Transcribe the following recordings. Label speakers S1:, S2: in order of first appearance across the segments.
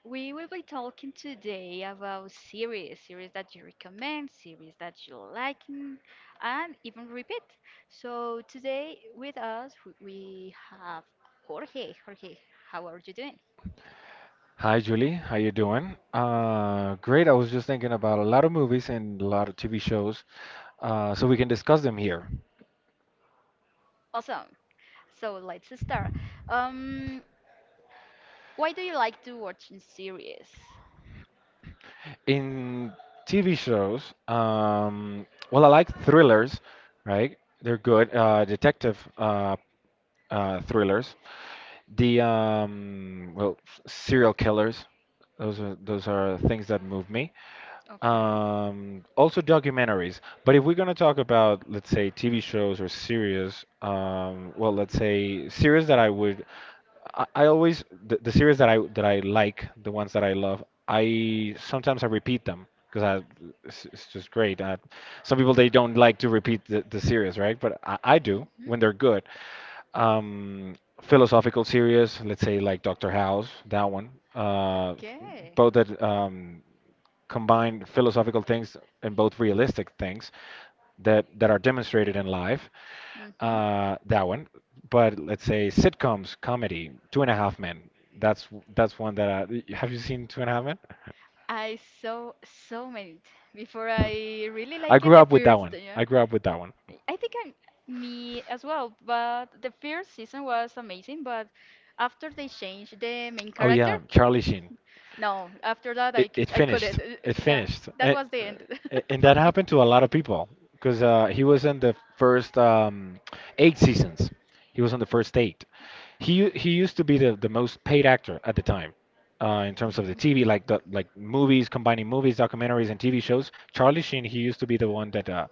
S1: We will be talking today about series that you recommend, series that you like, and even repeat. So today with us we have Jorge. Jorge, how are you doing?
S2: Hi, Julie. How you doing? Great. I was just thinking about a lot of movies and a lot of TV shows, so we can discuss them here.
S1: Awesome. So let's start. Um, why do you like to watch in series?
S2: In TV shows, well, I like thrillers, right? They're good. Detective thrillers. The well, serial killers. Those are things that move me.
S1: Okay.
S2: Also documentaries. But if we're gonna talk about, let's say, TV shows or series, well, let's say series that I would I always, the series that I like, the ones that I love, I sometimes I repeat them because it's just great. Some people they don't like to repeat the series, right? But I do when they're good. Um, philosophical series, let's say, like Doctor House, that one. Uh,
S1: Okay.
S2: both that combine philosophical things and both realistic things that are demonstrated in life.
S1: hmm
S2: That one. But let's say sitcoms, comedy, Two and a Half Men. That's that's one that I — have you seen Two and a Half Men?
S1: I saw so many before I really
S2: I
S1: like it.
S2: grew
S1: The
S2: up with that
S1: first,
S2: one.
S1: yeah.
S2: I grew up with that one.
S1: I think I'm Me as well, but the first season was amazing. But after they changed the main
S2: Oh
S1: character,
S2: yeah, Charlie Sheen.
S1: no, after that
S2: It, it
S1: I
S2: finished.
S1: couldn't.
S2: It
S1: Yeah,
S2: finished.
S1: that
S2: And,
S1: was the end
S2: uh, and
S1: for
S2: that
S1: me.
S2: happened to a lot of people because he was in the first eight seasons. He was on the first eight. He used to be the most paid actor at the time, in terms of the TV, like the like movies, combining movies, documentaries, and TV shows. Charlie Sheen, he used to be the one that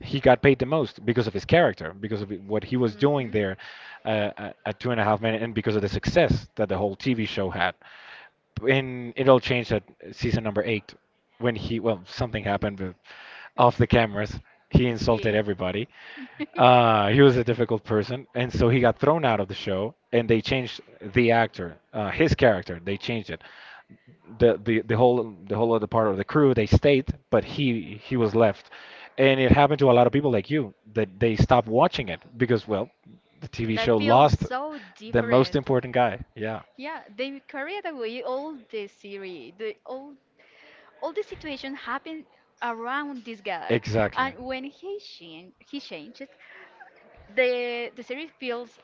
S2: he got paid the most because of his character, because of what he was doing
S1: Mhm.
S2: there, at Two and a Half Men, and because of the success that the whole TV show had. And it all changed at season number eight, when he, well, something happened, but off the cameras, he insulted
S1: He-
S2: everybody. He was a difficult person, and so he got thrown out of the show, and they changed the actor. His character, they changed it. The whole other part of the crew, they stayed, but he was left. And it happened to a lot of people like you, that they stopped watching it because, well, the TV
S1: that
S2: show
S1: feels
S2: lost
S1: so
S2: the most
S1: different.
S2: important guy. Yeah.
S1: Yeah, they carried away all the series, the all the situation happened around this guy,
S2: Exactly.
S1: and when he changed the series feels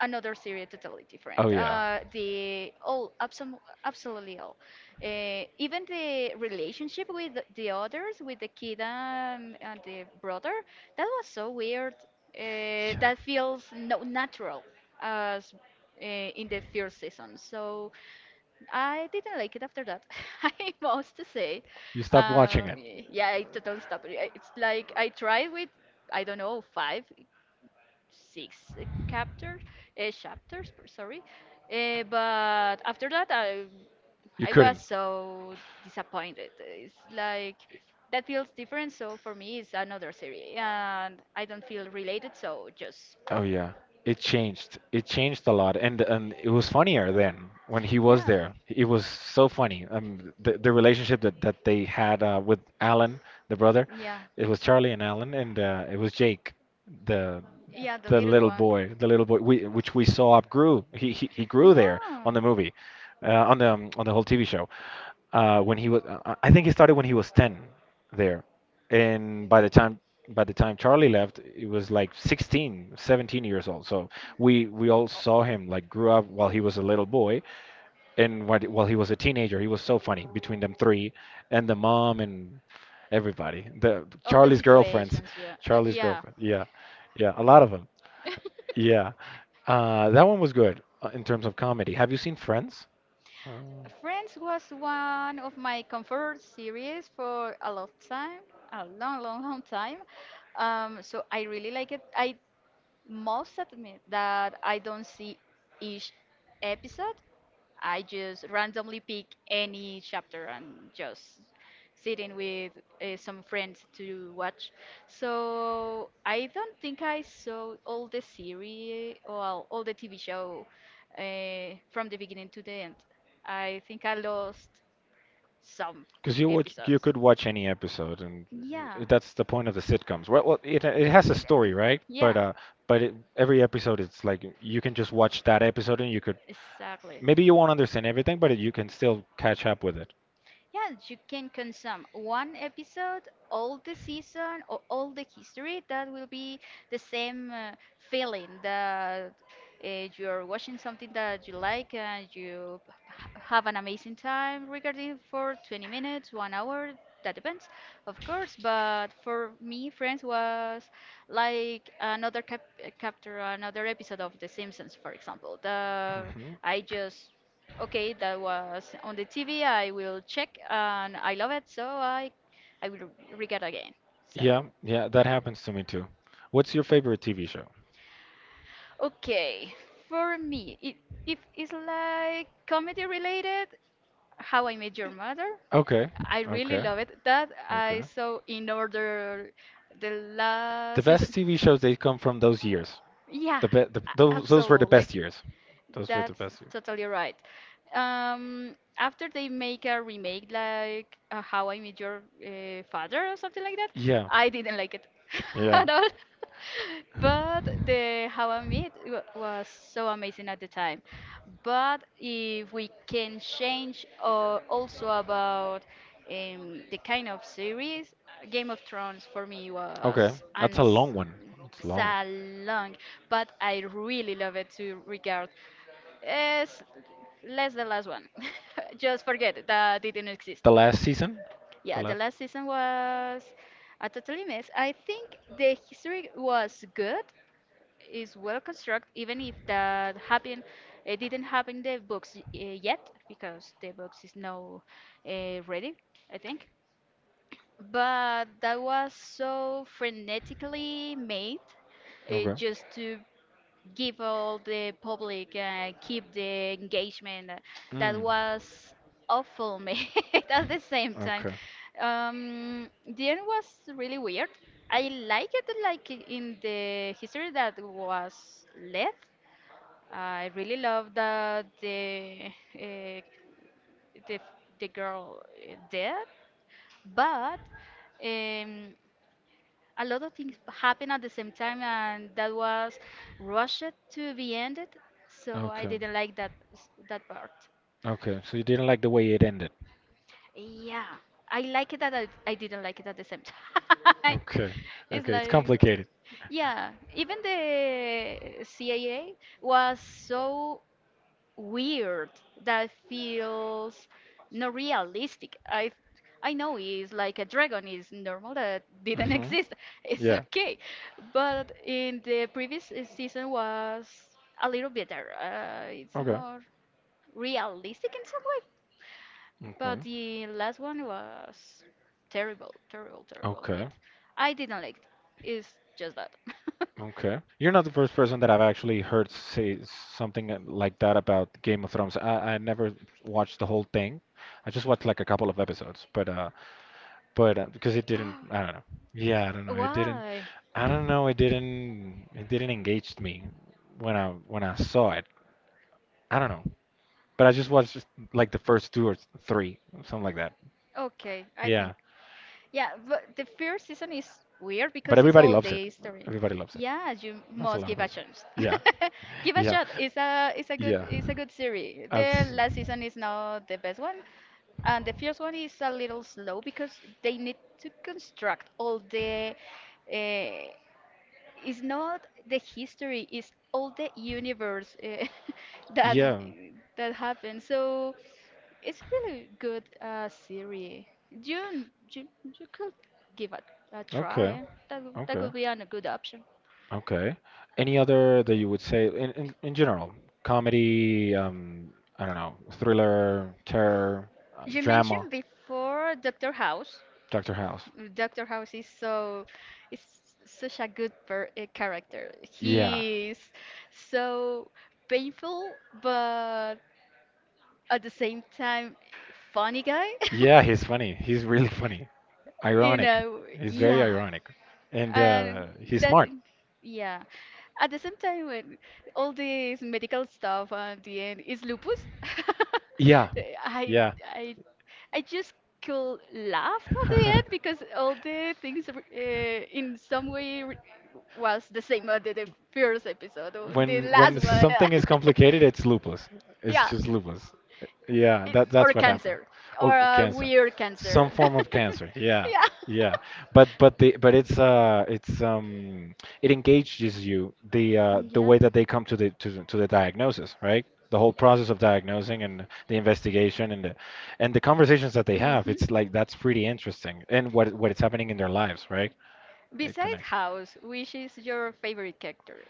S1: another series totally
S2: Oh
S1: different.
S2: yeah. Yeah.
S1: Absolutely all, even the relationship with the others, with the kid and the brother, that was so weird. That feels no natural as in the first season. So I didn't like it after that. I must say,
S2: You stopped watching
S1: uh,
S2: it.
S1: yeah, I totally stopped. It. It's like I tried with I don't know 5 6 sorry. But after that, I
S2: You
S1: I
S2: couldn't.
S1: was so disappointed. It's like that feels different. So for me, it's another series, and I don't feel related. So just
S2: Oh yeah, it changed. It changed a lot, and it was funnier then when he was
S1: yeah,
S2: there. It was so funny. The relationship that they had, with Alan, the brother.
S1: yeah,
S2: It was Charlie and Alan, and it was Jake, the
S1: yeah, the
S2: the
S1: little
S2: little
S1: one.
S2: boy, the little boy — we, which we saw upgrew. He grew there
S1: Yeah.
S2: on the movie, on the whole TV show. When he was, I think he started when he was 10 there, and by the time Charlie left, it was like 16, 17 years old. So we all saw him like grew up while he was a little boy, and while he was a teenager. He was so funny between them three, and the mom and everybody, the
S1: All the
S2: Charlie's girlfriends.
S1: situations, yeah,
S2: Charlie's
S1: yeah.
S2: girlfriend, yeah, yeah, a lot of them, yeah. That one was good, in terms of comedy. Have you seen Friends?
S1: Friends was one of my comfort series for a long time, a long, long, long time. So I really like it I Most admit that I don't see each episode. I just randomly pick any chapter and just sitting with some friends to watch. So I don't think I saw all the series, well, all the TV show from the beginning to the end. I think I lost some
S2: Because you watch, you
S1: episodes.
S2: could watch any episode, and
S1: Yeah.
S2: that's the point of the sitcoms. Well, it has a story, right?
S1: Yeah,
S2: But it, every episode, it's like you can just watch that episode, and you could —
S1: exactly.
S2: maybe you won't understand everything, but you can still catch up with it.
S1: Yeah, you can consume one episode, all the season, or all the history. That will be the same feeling that uh, you're watching something that you like and have an amazing time regarding for 20 minutes, one hour. That depends, of course. But for me, Friends was like another chapter, another episode of The Simpsons, for example. The
S2: Hmm.
S1: I just Okay, that was on the TV. I will check and I love it, so I will re it again.
S2: Yeah,
S1: So,
S2: yeah, that happens to me too. What's your favorite TV show?
S1: okay, for me, it, if it's like comedy related, How I Met Your Mother,
S2: Okay,
S1: I really
S2: okay,
S1: love it. That I
S2: okay.
S1: saw in order the
S2: The
S1: last season.
S2: best TV shows, they come from those years.
S1: Yeah,
S2: The, be- the those were the
S1: absolutely.
S2: best years. Those were the
S1: That's
S2: best years.
S1: totally right. After they make a remake like How I Met Your Father or something like that,
S2: Yeah.
S1: I didn't like it
S2: Yeah.
S1: at all. But the How I Met was so amazing at the time. But if we can change also about the kind of series, Game of Thrones for me
S2: Okay,
S1: was
S2: that's a long one. It's long.
S1: so long, but I really love it to regard. It's less the last one. Just forget it, that didn't exist.
S2: The last season? The
S1: Yeah, the
S2: last?
S1: last season was a totally mess. I think the history was good, is well constructed, even if that happened, it didn't happen in the books yet because the books is now ready, I think. But that was so frenetically made,
S2: Okay.
S1: just to give all the public keep the engagement that
S2: Mm.
S1: was awful mate. At the same time
S2: Okay.
S1: um, the end was really weird I Like it like in the history that was left. I really love that uh, the, the girl dead, but um, a lot of things happened at the same time, and that was rushed to be ended. So I
S2: Okay.
S1: didn't like that that part.
S2: Okay. So you didn't like the way it ended.
S1: Yeah, I like it that I didn't like it at the same time.
S2: Okay.
S1: It's
S2: Okay. It's
S1: like,
S2: complicated.
S1: yeah, even the CAA was so weird, that feels not realistic. I know it's like a dragon is normal that didn't
S2: Mhm.
S1: exist. It's
S2: Yeah.
S1: okay, but in the previous season was a little better. It's
S2: Okay.
S1: more realistic in some way,
S2: Okay.
S1: but the last one was terrible, mate.
S2: Okay.
S1: I didn't like it. It's just that.
S2: Okay. You're not the first person that I've actually heard say something like that about Game of Thrones. I never watched the whole thing. I just watched like a couple of episodes, but because it didn't, I don't know. Yeah, I don't know. It didn't —
S1: Why?
S2: I don't know. It didn't engage me when I saw it. I don't know. But I just watched like the first two or three, something like that.
S1: Okay, I think.
S2: Yeah.
S1: Yeah, but the first season is weird
S2: But
S1: because it's
S2: everybody
S1: all
S2: loves it.
S1: day story.
S2: Everybody loves it.
S1: Yeah, you
S2: There's a
S1: must
S2: lot of
S1: give a
S2: people.
S1: chance.
S2: Yeah,
S1: Give a
S2: yeah,
S1: shot. It's a good
S2: yeah.
S1: it's a good series.
S2: I've
S1: The
S2: seen.
S1: last season is not the best one, and the first one is a little slow because they need to construct all the uh, it's not the history, it's all the universe, eh, that
S2: Yeah.
S1: that happened. So it's really good series. You could give it a try,
S2: Okay.
S1: eh? That
S2: Okay.
S1: could be a good option.
S2: Okay. Any other that you would say in general? Comedy, I don't know, thriller, terror,
S1: You
S2: drama,
S1: mentioned before Doctor House.
S2: Dr. House.
S1: Doctor House is so is such a good character.
S2: Yeah.
S1: He is so painful, but at the same time funny guy.
S2: Yeah, he's funny. He's really funny.
S1: You
S2: Ironic.
S1: know,
S2: He's very
S1: yeah.
S2: ironic. And
S1: And
S2: he's
S1: that,
S2: smart.
S1: yeah. At the same time, when all this medical stuff at the end is lupus.
S2: Yeah.
S1: I,
S2: Yeah.
S1: I, I just could laugh at the end because all the things in some way was the same as the first episode or the
S2: When
S1: last one.
S2: something is complicated, it's lupus. It's
S1: yeah
S2: just lupus. Yeah, that
S1: I
S2: that's what happened.
S1: Cancer.
S2: Oh,
S1: Or a
S2: cancer.
S1: weird is.
S2: Some
S1: Cancer.
S2: form
S1: Something.
S2: of cancer. Yeah,
S1: Yeah,
S2: yeah. But it's it engages you the way that they come to the to the diagnosis, right? The whole process of diagnosing and the investigation and the conversations that they
S1: hmm.
S2: have. It's like that's pretty interesting, and what is happening in their lives, right? It
S1: Besides
S2: connects.
S1: House, which is your favorite character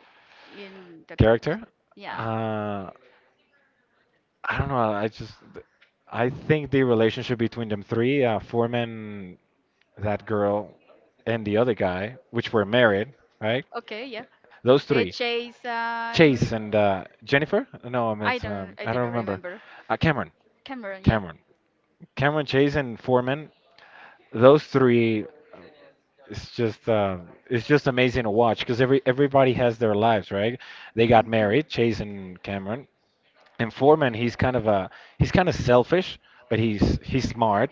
S1: in?
S2: Character?
S1: Yeah.
S2: Uh, I don't know. I just I think the relationship between them three, Foreman, that girl, and the other guy, which were married, right?
S1: Okay, yeah.
S2: Those
S1: Two,
S2: three —
S1: Chase
S2: Chase
S1: and
S2: and Jennifer. No, I
S1: I
S2: meant,
S1: don't
S2: I don't remember.
S1: remember.
S2: Cameron.
S1: Cameron, yeah.
S2: Cameron, Cameron, Chase and Foreman, those three — it's just it's just amazing to watch, because everybody has their lives, right? They got married,
S1: Hmm.
S2: Chase and Cameron, and Foreman. He's kind of selfish, but he's smart.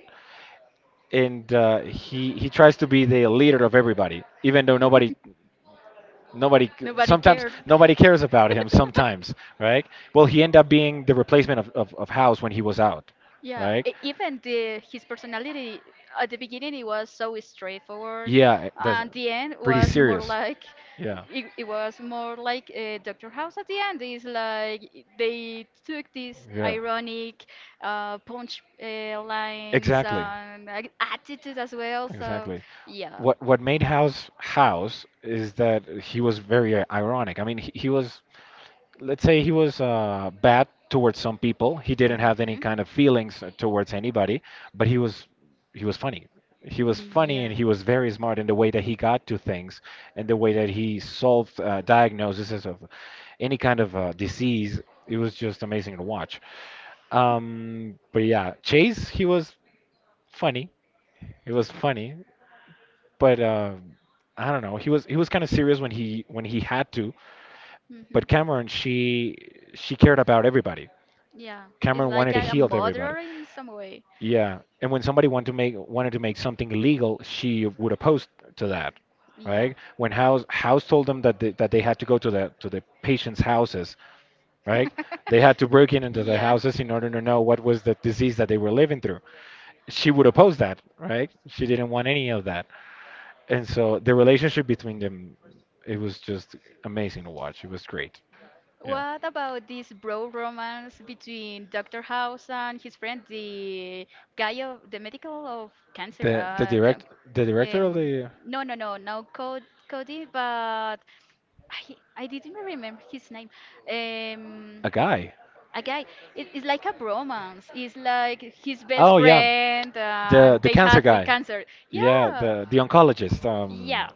S2: And he tries to be the leader of everybody, even though nobody. Nobody.
S1: Nobody
S2: Sometimes
S1: cares.
S2: nobody
S1: Nobody cares
S2: cares about
S1: about him
S2: him.
S1: sometimes.
S2: Sometimes, right? Well, he ended up being the replacement of House when he was out,
S1: Yeah, right?
S2: right?
S1: Even the his personality at the beginning it was so straightforward, yeah,
S2: Yeah, that's
S1: and the end pretty
S2: pretty
S1: was more serious.
S2: serious.
S1: Like
S2: Yeah,
S1: it was more like Doctor House at the end. Is like they took these
S2: yeah.
S1: ironic punch lines. Exactly.
S2: Exactly.
S1: And like, attitude as well. So
S2: Exactly.
S1: yeah.
S2: What made House House is that he was very ironic. I mean, he was — let's say he was bad towards some people. He didn't have any
S1: Hmm.
S2: kind of feelings towards anybody, but he was funny. He was funny,
S1: Yeah.
S2: and he was very smart in the way that he got to things, and the way that he solved diagnoses of any kind of disease. It was just amazing to watch. But yeah, Chase, he was funny. It was funny, but I don't know. He was kind of serious when he had to,
S1: Hmm.
S2: but Cameron, she cared about everybody.
S1: Yeah. It's
S2: Cameron
S1: like
S2: wanted to
S1: a
S2: heal everybody.
S1: murderer in some way.
S2: Yeah, and when somebody wanted to make something illegal, she would oppose to that,
S1: Yeah.
S2: right? When House told them that they had to go to the patients' houses, right? They had to break in into the
S1: Yeah.
S2: houses in order to know what was the disease that they were living through. She would oppose that, right? She didn't want any of that. And so the relationship between them, it was just amazing to watch. It was great. Yeah.
S1: What about this bro romance between Dr. House and his friend, the guy of the medical of cancer?
S2: The the direct the director of
S1: Um,
S2: the,
S1: no, Cody, Cody, but I didn't remember his name. Um,
S2: a guy.
S1: a guy. It's like a bromance. It's like his best
S2: Oh yeah,
S1: friend,
S2: the
S1: and
S2: the
S1: they
S2: cancer
S1: had with
S2: guy.
S1: cancer.
S2: Yeah,
S1: Yeah,
S2: the oncologist. Um,
S1: yeah.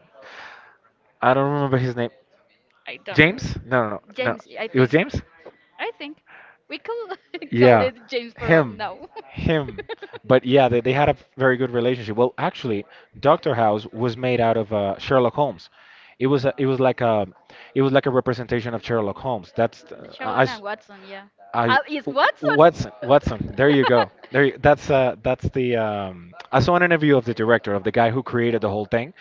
S2: I don't remember his name.
S1: I don't remember.
S2: James? No, no, no, no.
S1: James, I
S2: It was
S1: think.
S2: James.
S1: I think we could call
S2: Yeah,
S1: it James for
S2: him,
S1: now.
S2: him. But yeah, they had a very good relationship. Well, actually, Doctor House was made out of Sherlock Holmes. It was a, it was like a it was like a representation of Sherlock Holmes. That's
S1: The
S2: I, I
S1: Sherlock
S2: s-
S1: and Watson, yeah.
S2: I-
S1: Is Watson?
S2: Watson, Watson. There you go. There, you, that's the. I saw an interview of the director of the guy who created the whole thing,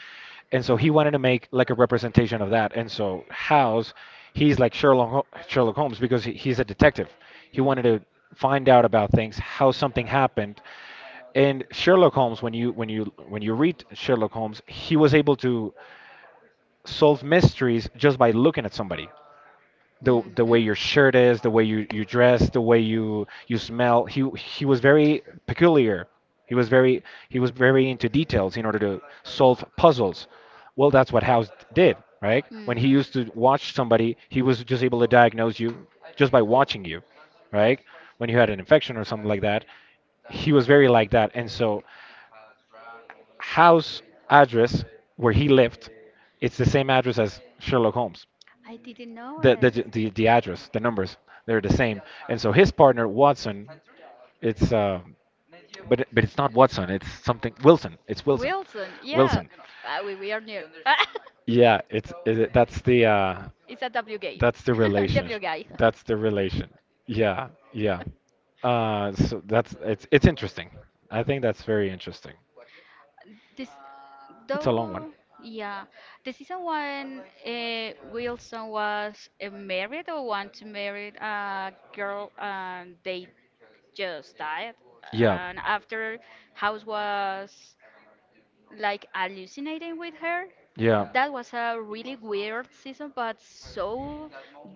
S2: and so he
S1: Mhm.
S2: wanted to make like a representation of that. And so House, he's like Sherlock Holmes because he's a detective. He wanted to find out about things, how something happened. And Sherlock Holmes, when you read Sherlock Holmes, he was able to solve mysteries just by looking at somebody, the
S1: Mhm.
S2: way your shirt is, the way you dress, the way you smell. He was very
S1: Mhm.
S2: peculiar. He was very he was very into details in order to solve puzzles. Well, that's what House did, right? When he
S1: Hmm.
S2: used to watch somebody, he was just able to diagnose you just by watching you, right? When you had an infection or something like that, he was very like that. And so House, address where he lived, it's the same address as Sherlock Holmes.
S1: I didn't know
S2: the
S1: it.
S2: the the, the address, the numbers, they're the same. And so his partner Watson, it's but it's not Watson. It's something Wilson. It's Wilson,
S1: Wilson, yeah.
S2: Wilson.
S1: We are near.
S2: Yeah,
S1: It's a W guy.
S2: that's the relation.
S1: W guy.
S2: That's the relation. Yeah, yeah. So that's it's interesting. I think that's very interesting.
S1: This,
S2: It's a long one.
S1: though, yeah. The season one, Wilson was married or want to marry a girl, and they just died.
S2: Yeah.
S1: And after, House was like hallucinating with her,
S2: Yeah.
S1: that was a really weird season, but so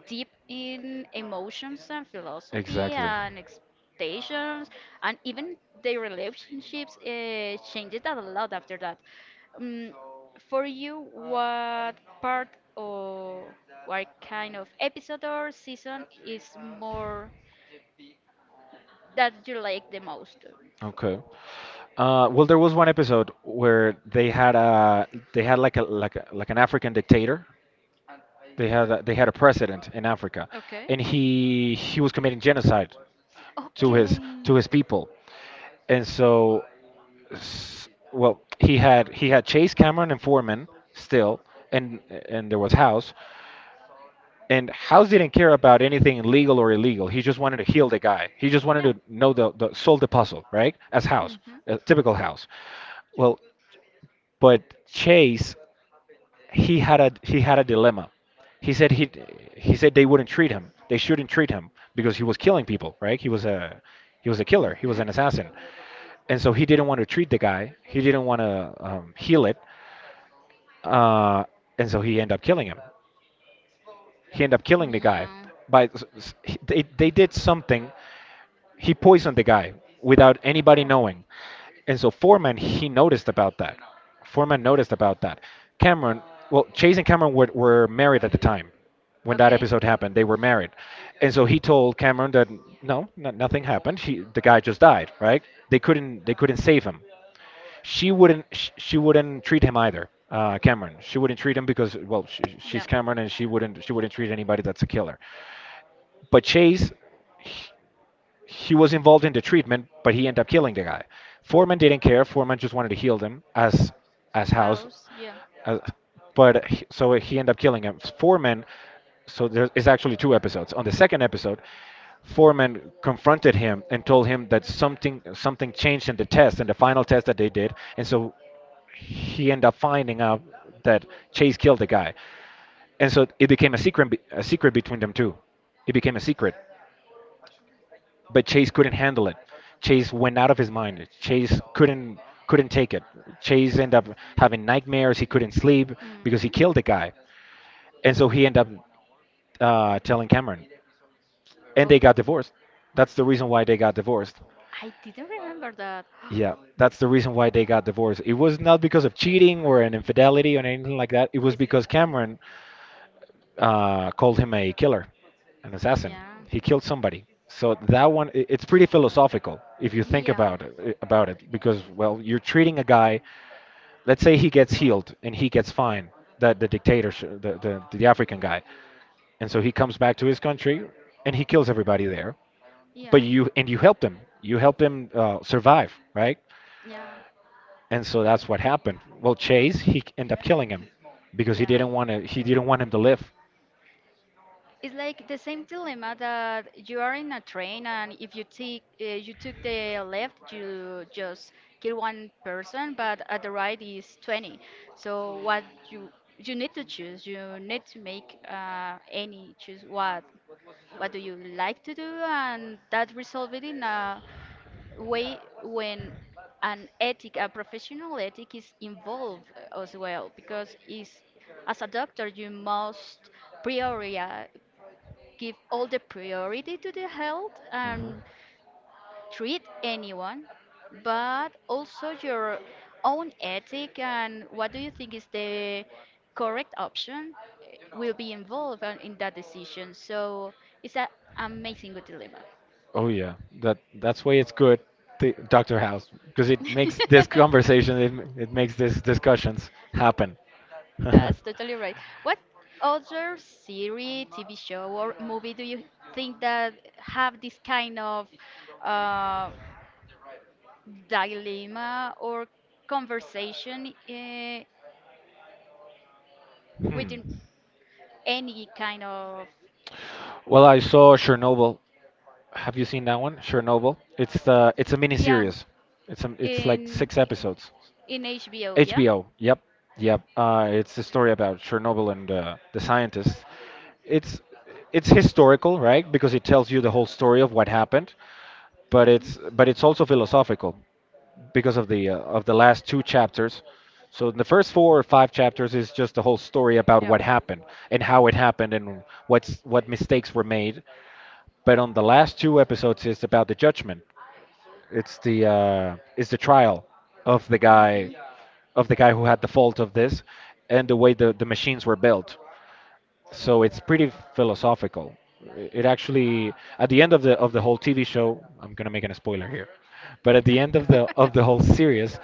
S1: deep in emotions and philosophy
S2: Exactly.
S1: and expectations, and even their relationships changed a lot after that. Um, for you, what part or what kind of episode or season is more that you like the most?
S2: Okay. Well, there was one episode where they had a they had like a like a, like an African dictator. They had a president in Africa,
S1: Okay.
S2: and he was committing genocide to his
S1: Okay.
S2: to his people, and so well, he had Chase, Cameron, and Foreman still, and there was House, and House didn't care about anything legal or illegal. He just wanted to heal the guy. He just wanted to know the solve the puzzle, right? As House,
S1: Mhm.
S2: a typical House. Well, but Chase, he had a dilemma. He said he he said they wouldn't treat him. They shouldn't treat him because he was killing people, right? He was a killer. He was an assassin, and so he didn't want to treat the guy. He didn't want to heal it, uh, and so he ended up killing him. He ended up
S1: Guy.
S2: killing the guy.
S1: Yeah.
S2: By s- s- he- they did something. He poisoned the guy without anybody knowing. And so Foreman, he noticed about that. Foreman noticed about that. Cameron, well, Chase and Cameron were married at the time when that episode happened. They were married. And so he told Cameron that no, no, nothing happened. She, the guy just died, right? They couldn't save him. She wouldn't treat him either. Cameron, she wouldn't treat him because, well, she's Cameron and she wouldn't treat anybody that's a killer. But Chase, he was involved in the treatment, but he ended up killing the guy. Foreman didn't care. Foreman just wanted to heal them as House,
S1: Yeah.
S2: as, so he ended up killing him. Foreman. So there is actually two episodes. On the second episode, Foreman confronted him and told him that something changed in the test, in the final test that they did, and so he ended up finding out that Chase killed the guy, and so it became a secret between them two. It became a secret, but Chase couldn't handle it. Chase went out of his mind. Chase couldn't take it. Chase ended up having nightmares. He couldn't sleep because he
S1: Mhm.
S2: killed the guy, and so he ended up telling Cameron, and
S1: Oh,
S2: they got
S1: mm,
S2: divorced. That's the reason why they got divorced.
S1: I didn't remember that.
S2: Yeah, that's the reason why they got divorced. It was not because of cheating or an infidelity or anything like that. It was because Cameron called him a killer, an assassin.
S1: Yeah.
S2: He killed somebody. So that one, it's pretty philosophical if you think
S1: Yeah.
S2: about it, because, well, you're treating a guy. Let's say he gets healed and he gets fine, the dictator, the African guy, and so he comes back to his country and he kills everybody there. But you helped him. You helped him survive, right?
S1: Yeah.
S2: And so that's what happened. Well, Chase, he ended up killing him because he
S1: Yeah.
S2: didn't want to. He didn't want him to live.
S1: Yeah. It's like the same dilemma that you are in a train, and if you take you took the left, you just kill one person, but at the right is 20. So what you you need to choose, you need to make any choose what do you like to do, and that resolve it in a way when an ethic, a professional ethic is involved, eh, as well, because is as a doctor you must priori give all the priority to the health
S2: Mhm.
S1: and treat anyone, but also your own ethic and what do you think is the correct option, eh, will be involved in that decision. So it's an amazing good dilemma.
S2: Oh yeah, that's why it's good, Doctor House, because it makes this conversation, it makes these discussions happen. Hmm.
S1: That's totally right. What other series, TV show, or movie do you think that have this kind of uh, dilemma or conversation within any kind of?
S2: Well, I saw Chernobyl. Have you seen that one? Chernobyl. It's a mini
S1: Yeah,
S2: series. It's like
S1: in
S2: six episodes.
S1: in HBO? Yeah.
S2: HBO. Yep. Yep. It's the story about Chernobyl and the scientists. It's it's historical, right? Because it tells you the whole story of what happened, but
S1: Mhm.
S2: it's also philosophical because of the last two chapters. So the first four or five chapters is just the whole story about
S1: Yeah.
S2: what happened and how it happened and what mistakes were made. But on the last two episodes, it's about the judgment. It's the trial of the guy
S1: Mhm.
S2: of the guy who had the fault of this and the way the machines were built, so it's pretty philosophical. It actually, at the end of the whole TV show, I'm gonna make an spoiler here, but at the end of the whole series,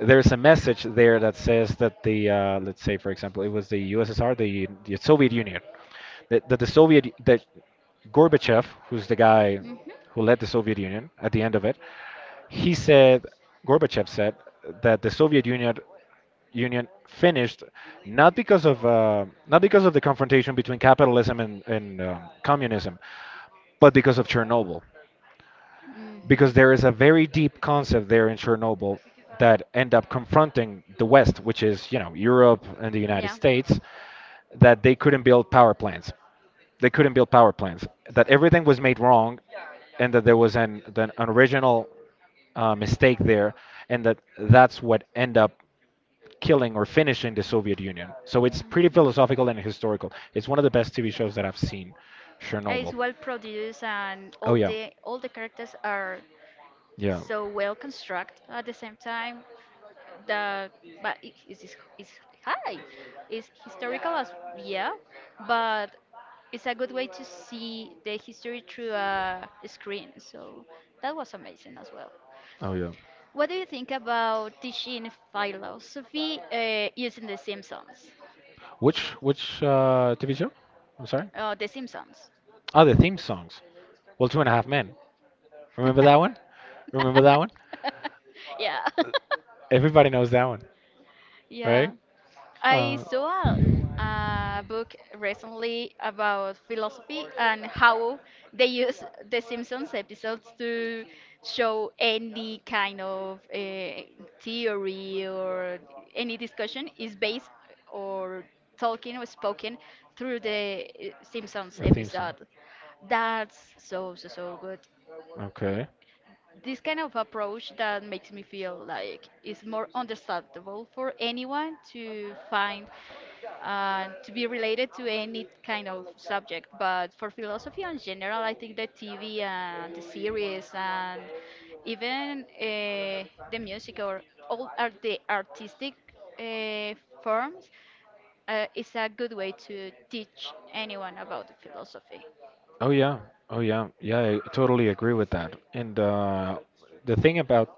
S2: there's a message there that says that the let's say, for example, it was the USSR, the Soviet Union. That
S1: Is.
S2: Gorbachev, who's the guy who led the Soviet Union at the end of it, he said, Gorbachev said, that the Soviet Union finished not because of the confrontation between capitalism and communism, but because of Chernobyl,
S1: Mhm.
S2: because there is a
S1: Mhm.
S2: very deep concept there in Chernobyl that end up confronting the West, which is Europe and the United States, that they couldn't build power plants. They couldn't build power plants. That everything was made wrong, and that there was an original mistake there, and that's what end up killing or finishing the Soviet Union. So it's pretty philosophical and historical. It's one of the best TV shows that I've seen,
S1: It's
S2: Chernobyl.
S1: well produced and
S2: Oh yeah,
S1: all the characters are
S2: yeah,
S1: so well constructed at the same time. That but it is high it's historical as yeah but it's a good way to see the history through a screen, so that was amazing as well.
S2: oh yeah.
S1: What do you think about teaching philosophy using the Simpsons?
S2: Which TV show? I'm sorry.
S1: Oh, the Simpsons.
S2: Ah, the theme songs. Well, Two and a Half Men. Remember that one? Remember that one?
S1: Yeah.
S2: Everybody knows that one,
S1: Yeah,
S2: right?
S1: I saw a, a book recently about philosophy and how they use the Simpsons episodes
S2: Uh,
S1: to show any kind of theory or any discussion is based or talking or spoken through the Simpsons
S2: The theme song.
S1: episode. That's so, so, so good.
S2: Okay.
S1: This kind of approach that makes me feel like it's more understandable for anyone to find to be related to any kind of subject. But for philosophy in general, I think the TV and the series and even the music or all art, the artistic uh, forms is a good way to teach anyone about philosophy.
S2: Oh yeah. Oh yeah. Yeah, I totally agree with that. And the thing about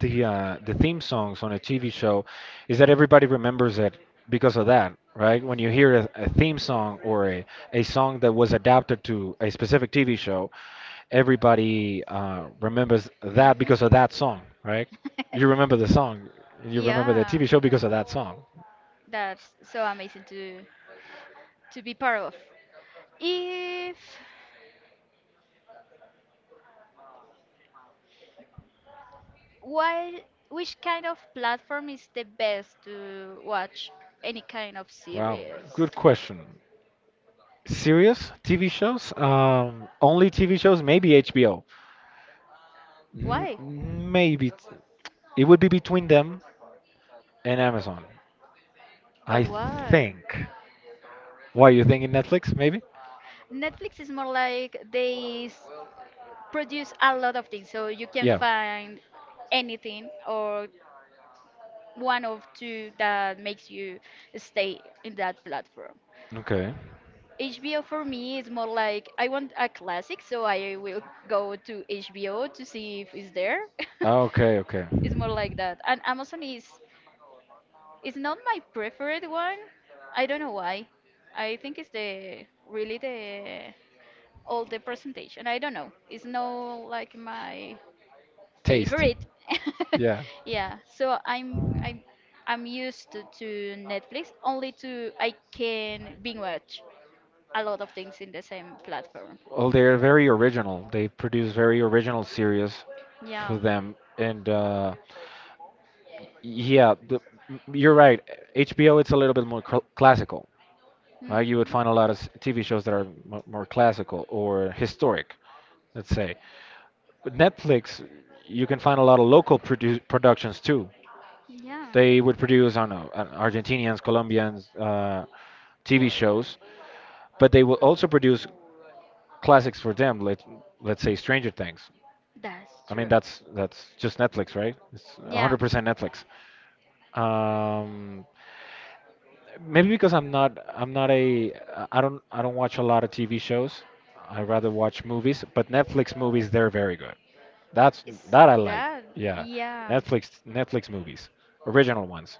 S2: the theme songs on a TV show is that everybody remembers it because of that, right? When you hear a theme song or a song that was adapted to a specific TV show, everybody remembers that
S1: Mhm.
S2: because of that song, right? You remember the song, you remember the
S1: Yeah,
S2: TV show because of that song.
S1: that's so amazing to be part of. If which kind of platform is the best to watch any kind of
S2: Wow,
S1: series?
S2: good question. Serious TV shows? Only TV shows? Maybe HBO.
S1: Why?
S2: maybe t- it would be between them and Amazon, I
S1: But why?
S2: think. Why you thinking Netflix? Maybe?
S1: Netflix is more like they produce a lot of things, so you can
S2: Yeah.
S1: find anything or one of two that makes you stay in that platform.
S2: Okay.
S1: HBO for me is more like I want a classic, so I will go to HBO to see if it's there.
S2: Ah, okay. Okay.
S1: It's more like that. And Amazon is it's not my preferred one. I don't know why. I think it's the really the all the presentation. I don't know. It's not like my
S2: Taste.
S1: favorite.
S2: Yeah.
S1: Yeah. So I'm used to Netflix only to I can binge watch a lot of things in the same platform.
S2: Well, they're very original. They produce very original series
S1: Yeah.
S2: for them, and yeah, you're right. HBO, it's a little bit more cl classical. Right? You would
S1: Mhm.
S2: find a lot of TV shows that are m more classical or historic, let's say. With Netflix, you can find a lot of local productions too.
S1: Yeah.
S2: They would produce, I don't know, Argentinians, Colombians, TV shows, but they will also produce classics for them, let's say Stranger Things.
S1: That's
S2: I mean,
S1: true.
S2: that's just Netflix, right? It's
S1: Yeah.
S2: 100% Netflix. Um, maybe because I'm not a I don't watch a lot of TV shows. I rather watch movies, but Netflix movies they're very good. That's
S1: Is
S2: that I like.
S1: that
S2: Yeah,
S1: yeah.
S2: Netflix movies, original ones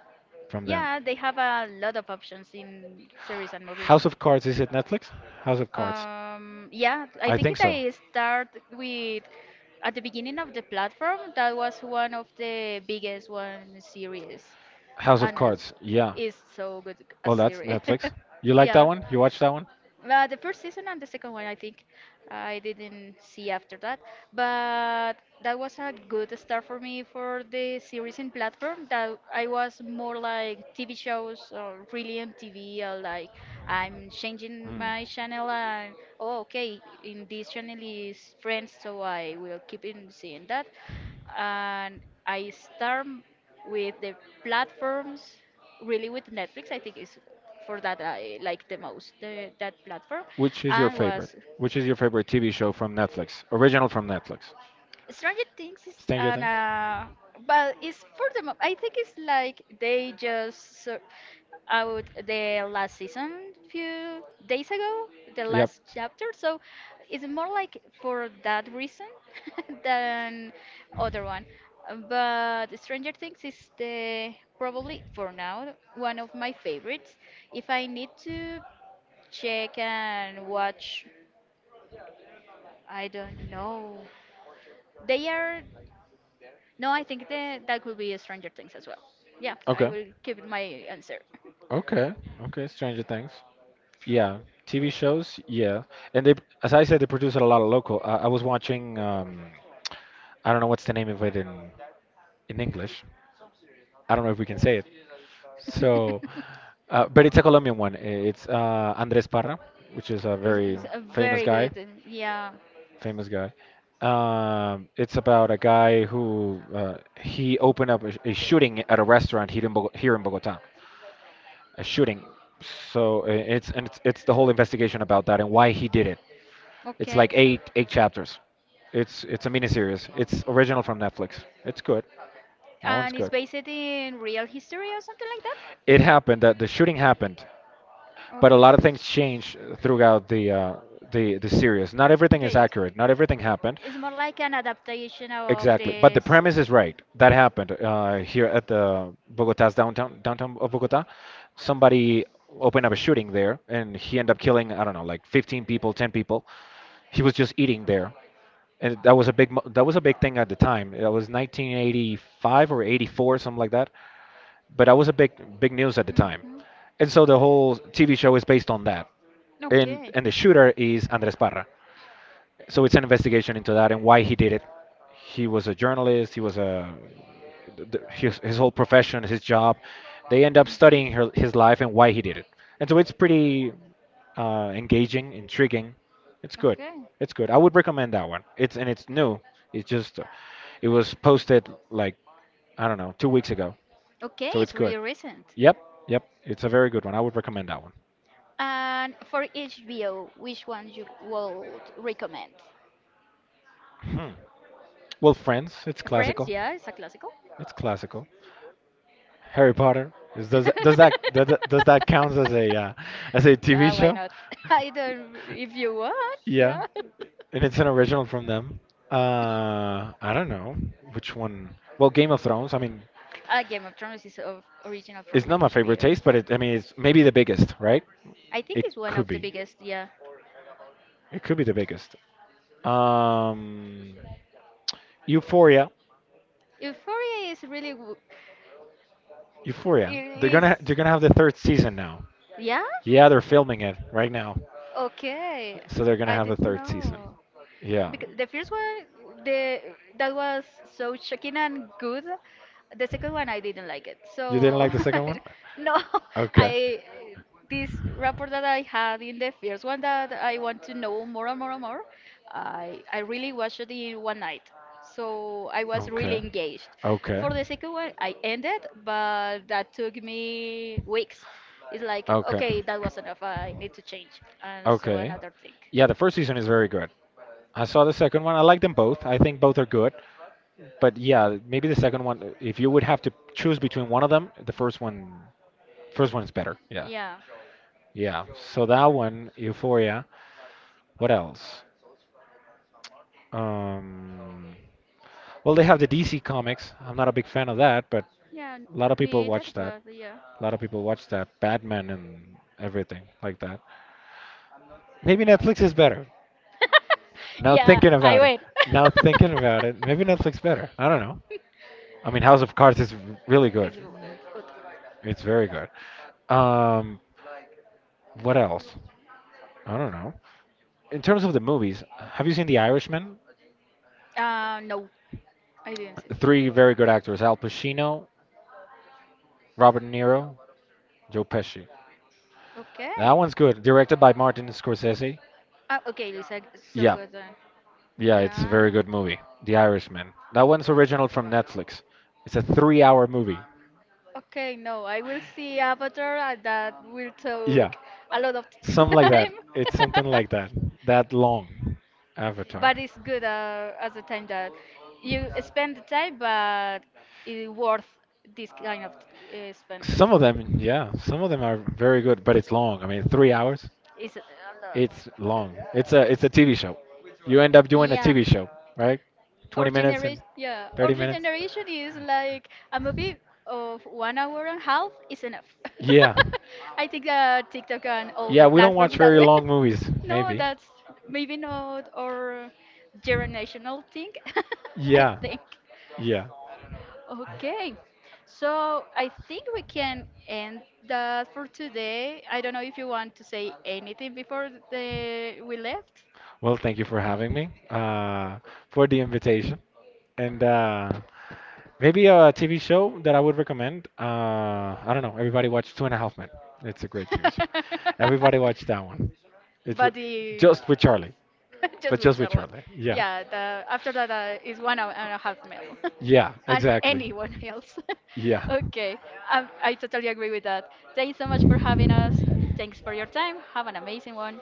S2: from them.
S1: Yeah, they have a lot of options in series and movies.
S2: House of Cards, is it Netflix? House of Cards.
S1: Yeah, I
S2: I think
S1: think
S2: so.
S1: they start with at the beginning of the platform. That was one of the biggest one series,
S2: House of
S1: and
S2: Cards. Yeah.
S1: it's so good a
S2: Well, that's
S1: series.
S2: Netflix. You like that
S1: Yeah.
S2: one? You watch that one?
S1: The first season and the second one, I think I didn't see after that, but that was a good start for me for the series and platform. That I was more like TV shows or really on TV, or like I'm changing my channel and oh, okay, in this channel is Friends, so I will keep in seeing that. And I start with the platforms really
S2: Hmm.
S1: with Netflix, I think is for that I like the most the, that platform,
S2: Which is your
S1: and
S2: favorite?
S1: was
S2: Which is your favorite TV show from Netflix? Original from Netflix.
S1: Stranger Things is
S2: Stranger
S1: an
S2: Things?
S1: but it's for the I think it's like they just out the last season few days ago, the
S2: Yep.
S1: last chapter, so it's more like for that reason than other one. But Stranger Things is the probably for now one of my favorites if I need to check and watch. I don't know. They are. No, I think that could be Stranger Things as well. Yeah, I
S2: Okay.
S1: will keep my answer.
S2: Okay. Okay. Stranger Things. Yeah. TV shows. Yeah. And they, as I said, they produce a lot of local. I was watching. I don't know what's the name of it in English. I don't know if we can say it. So, but it's a Colombian one. It's Andres Parra, which is a
S1: it's,
S2: very
S1: it's a
S2: famous
S1: very
S2: guy.
S1: good. Yeah.
S2: Famous guy. It's about a guy who he opened up a shooting at a restaurant here in, here in Bogota. A shooting. So it's the whole investigation about that and why he did it. It's
S1: Okay.
S2: like eight chapters. It's a miniseries. It's original from Netflix. It's good. That one's
S1: And it's
S2: good.
S1: based in real history or something like that.
S2: It happened that the shooting happened, but a lot of things
S1: Okay.
S2: change throughout the series. Not everything is
S1: Okay. It's
S2: accurate. Not everything happened.
S1: it's more like an adaptation of
S2: Exactly, but the
S1: this.
S2: premise is right. That happened here at the Bogota's downtown of Bogota. Somebody opened up a shooting there, and he ended up killing, I don't know, like 15 people, 10 people. He was just eating there, and that was a big thing at the time. That was 1985 or 84, something like that. But that was a big news at the time,
S1: Mhm.
S2: and so the whole TV show is based on that, and
S1: Okay. Mhm.
S2: and the shooter is Andres Parra. So it's an investigation into that and why he did it. He was a journalist. He was a th- th- his whole profession, his job. They end up studying his life and why he did it. And so it's pretty engaging, intriguing. It's good.
S1: Okay.
S2: It's good. I would recommend that one. It's and it's new. It's just it was posted like, I don't know, 2 weeks ago,
S1: Okay,
S2: so it's
S1: it's
S2: good.
S1: really recent.
S2: Yep, yep. It's a very good one. I would recommend that one.
S1: And for HBO, which one you would recommend?
S2: Hmm. Well, Friends, it's
S1: Friends,
S2: classical.
S1: yeah, it's a classical.
S2: It's classical. Harry Potter. Does that count as a TV
S1: Yeah, why
S2: show?
S1: not? I don't, if you want,
S2: Yeah,
S1: yeah.
S2: and it's an original from them. I don't know which one. Well, Game of Thrones. I mean,
S1: Game of Thrones is of original
S2: it's
S1: from
S2: not my favorite
S1: HBO.
S2: taste, but I mean, it's maybe the biggest, right?
S1: I think it's one
S2: Could
S1: of the
S2: be.
S1: biggest. Yeah,
S2: It could be the biggest. Um, Euphoria.
S1: Euphoria is really
S2: Euphoria. They're
S1: it is.
S2: gonna they're gonna have the third season now.
S1: Yeah.
S2: Yeah, they're filming it right now,
S1: Okay.
S2: so they're gonna
S1: I
S2: have a
S1: didn't
S2: third season.
S1: know,
S2: Yeah.
S1: because the first one the that was so shocking and good. The second one I didn't like it, so
S2: You didn't like the second one?
S1: no,
S2: Okay.
S1: I this rapport that I had in the first one that I want to know more and more and more. I really watched it in one night, so I was really
S2: Okay.
S1: engaged.
S2: Okay.
S1: For the second one I ended, but that took me weeks. It's like
S2: Okay.
S1: okay, that was enough, I need to change and so
S2: Okay.
S1: another thing.
S2: Yeah, the first season is very good. I saw the second one. I like them both. I think both are good. But yeah, maybe the second one, if you would have to choose between one of them, the first one is better. Yeah.
S1: Yeah.
S2: Yeah. So that one, Euphoria. What else? Um, well, they have the DC comics. I'm not a big fan of that, but a lot of people watch that. A lot of people watch that. Batman and everything like that. Maybe Netflix is better. Now
S1: Yeah,
S2: thinking
S1: I
S2: about it.
S1: win.
S2: Now thinking about it. Maybe Netflix better. I don't know. I mean, House of Cards is really good.
S1: Is r- good.
S2: It's very good. Um, what else? I don't know. In terms of the movies, have you seen The Irishman?
S1: No, I didn't see.
S2: Three very good actors: Al Pacino, Robert De Niro, Joe Pesci.
S1: Okay.
S2: That one's good. Directed by Martin Scorsese.
S1: Ah, okay, Lisa, so
S2: Yeah,
S1: good then.
S2: yeah, it's a
S1: Yeah.
S2: very good movie. The Irishman. That one's original from Netflix. It's a three-hour movie.
S1: Okay, no, I will see Avatar and that will
S2: Yeah,
S1: take a lot of
S2: something like that.
S1: time.
S2: It's something like that. That long Avatar.
S1: But it's good as a time that you spend the time, but it's worth this kind of spend. Of
S2: Some of
S1: time.
S2: them, yeah, some of them are very good, but it's long. I mean, 3 hours.
S1: It's,
S2: It's long. It's a TV show. You end up doing a
S1: yeah.
S2: TV show, right? 20 minutes and
S1: Our
S2: 30 minutes.
S1: generation is like a movie of 1 hour and a half is enough.
S2: Yeah.
S1: I think that TikTok and all
S2: Yeah,
S1: the
S2: we don't watch
S1: platform that
S2: very
S1: way.
S2: long movies,
S1: No,
S2: maybe.
S1: that's maybe not our generational thing. I
S2: Yeah,
S1: think.
S2: yeah.
S1: Okay, so I think we can end that for today. I don't know if you want to say anything before the we left.
S2: Well, thank you for having me, for the invitation. And maybe a TV show that I would recommend. I don't know. Everybody watch Two and a Half Men. It's a great TV show. Everybody watch that one. It's re-
S1: But the
S2: just with Charlie, but
S1: just with
S2: just with
S1: Charlotte.
S2: Charlie. Yeah,
S1: Yeah, the after that is 1 hour and a half meal,
S2: yeah,
S1: and
S2: exactly.
S1: anyone else.
S2: Yeah.
S1: Okay, I totally agree with that. Thanks so much for having us. Thanks for your time. Have an amazing one.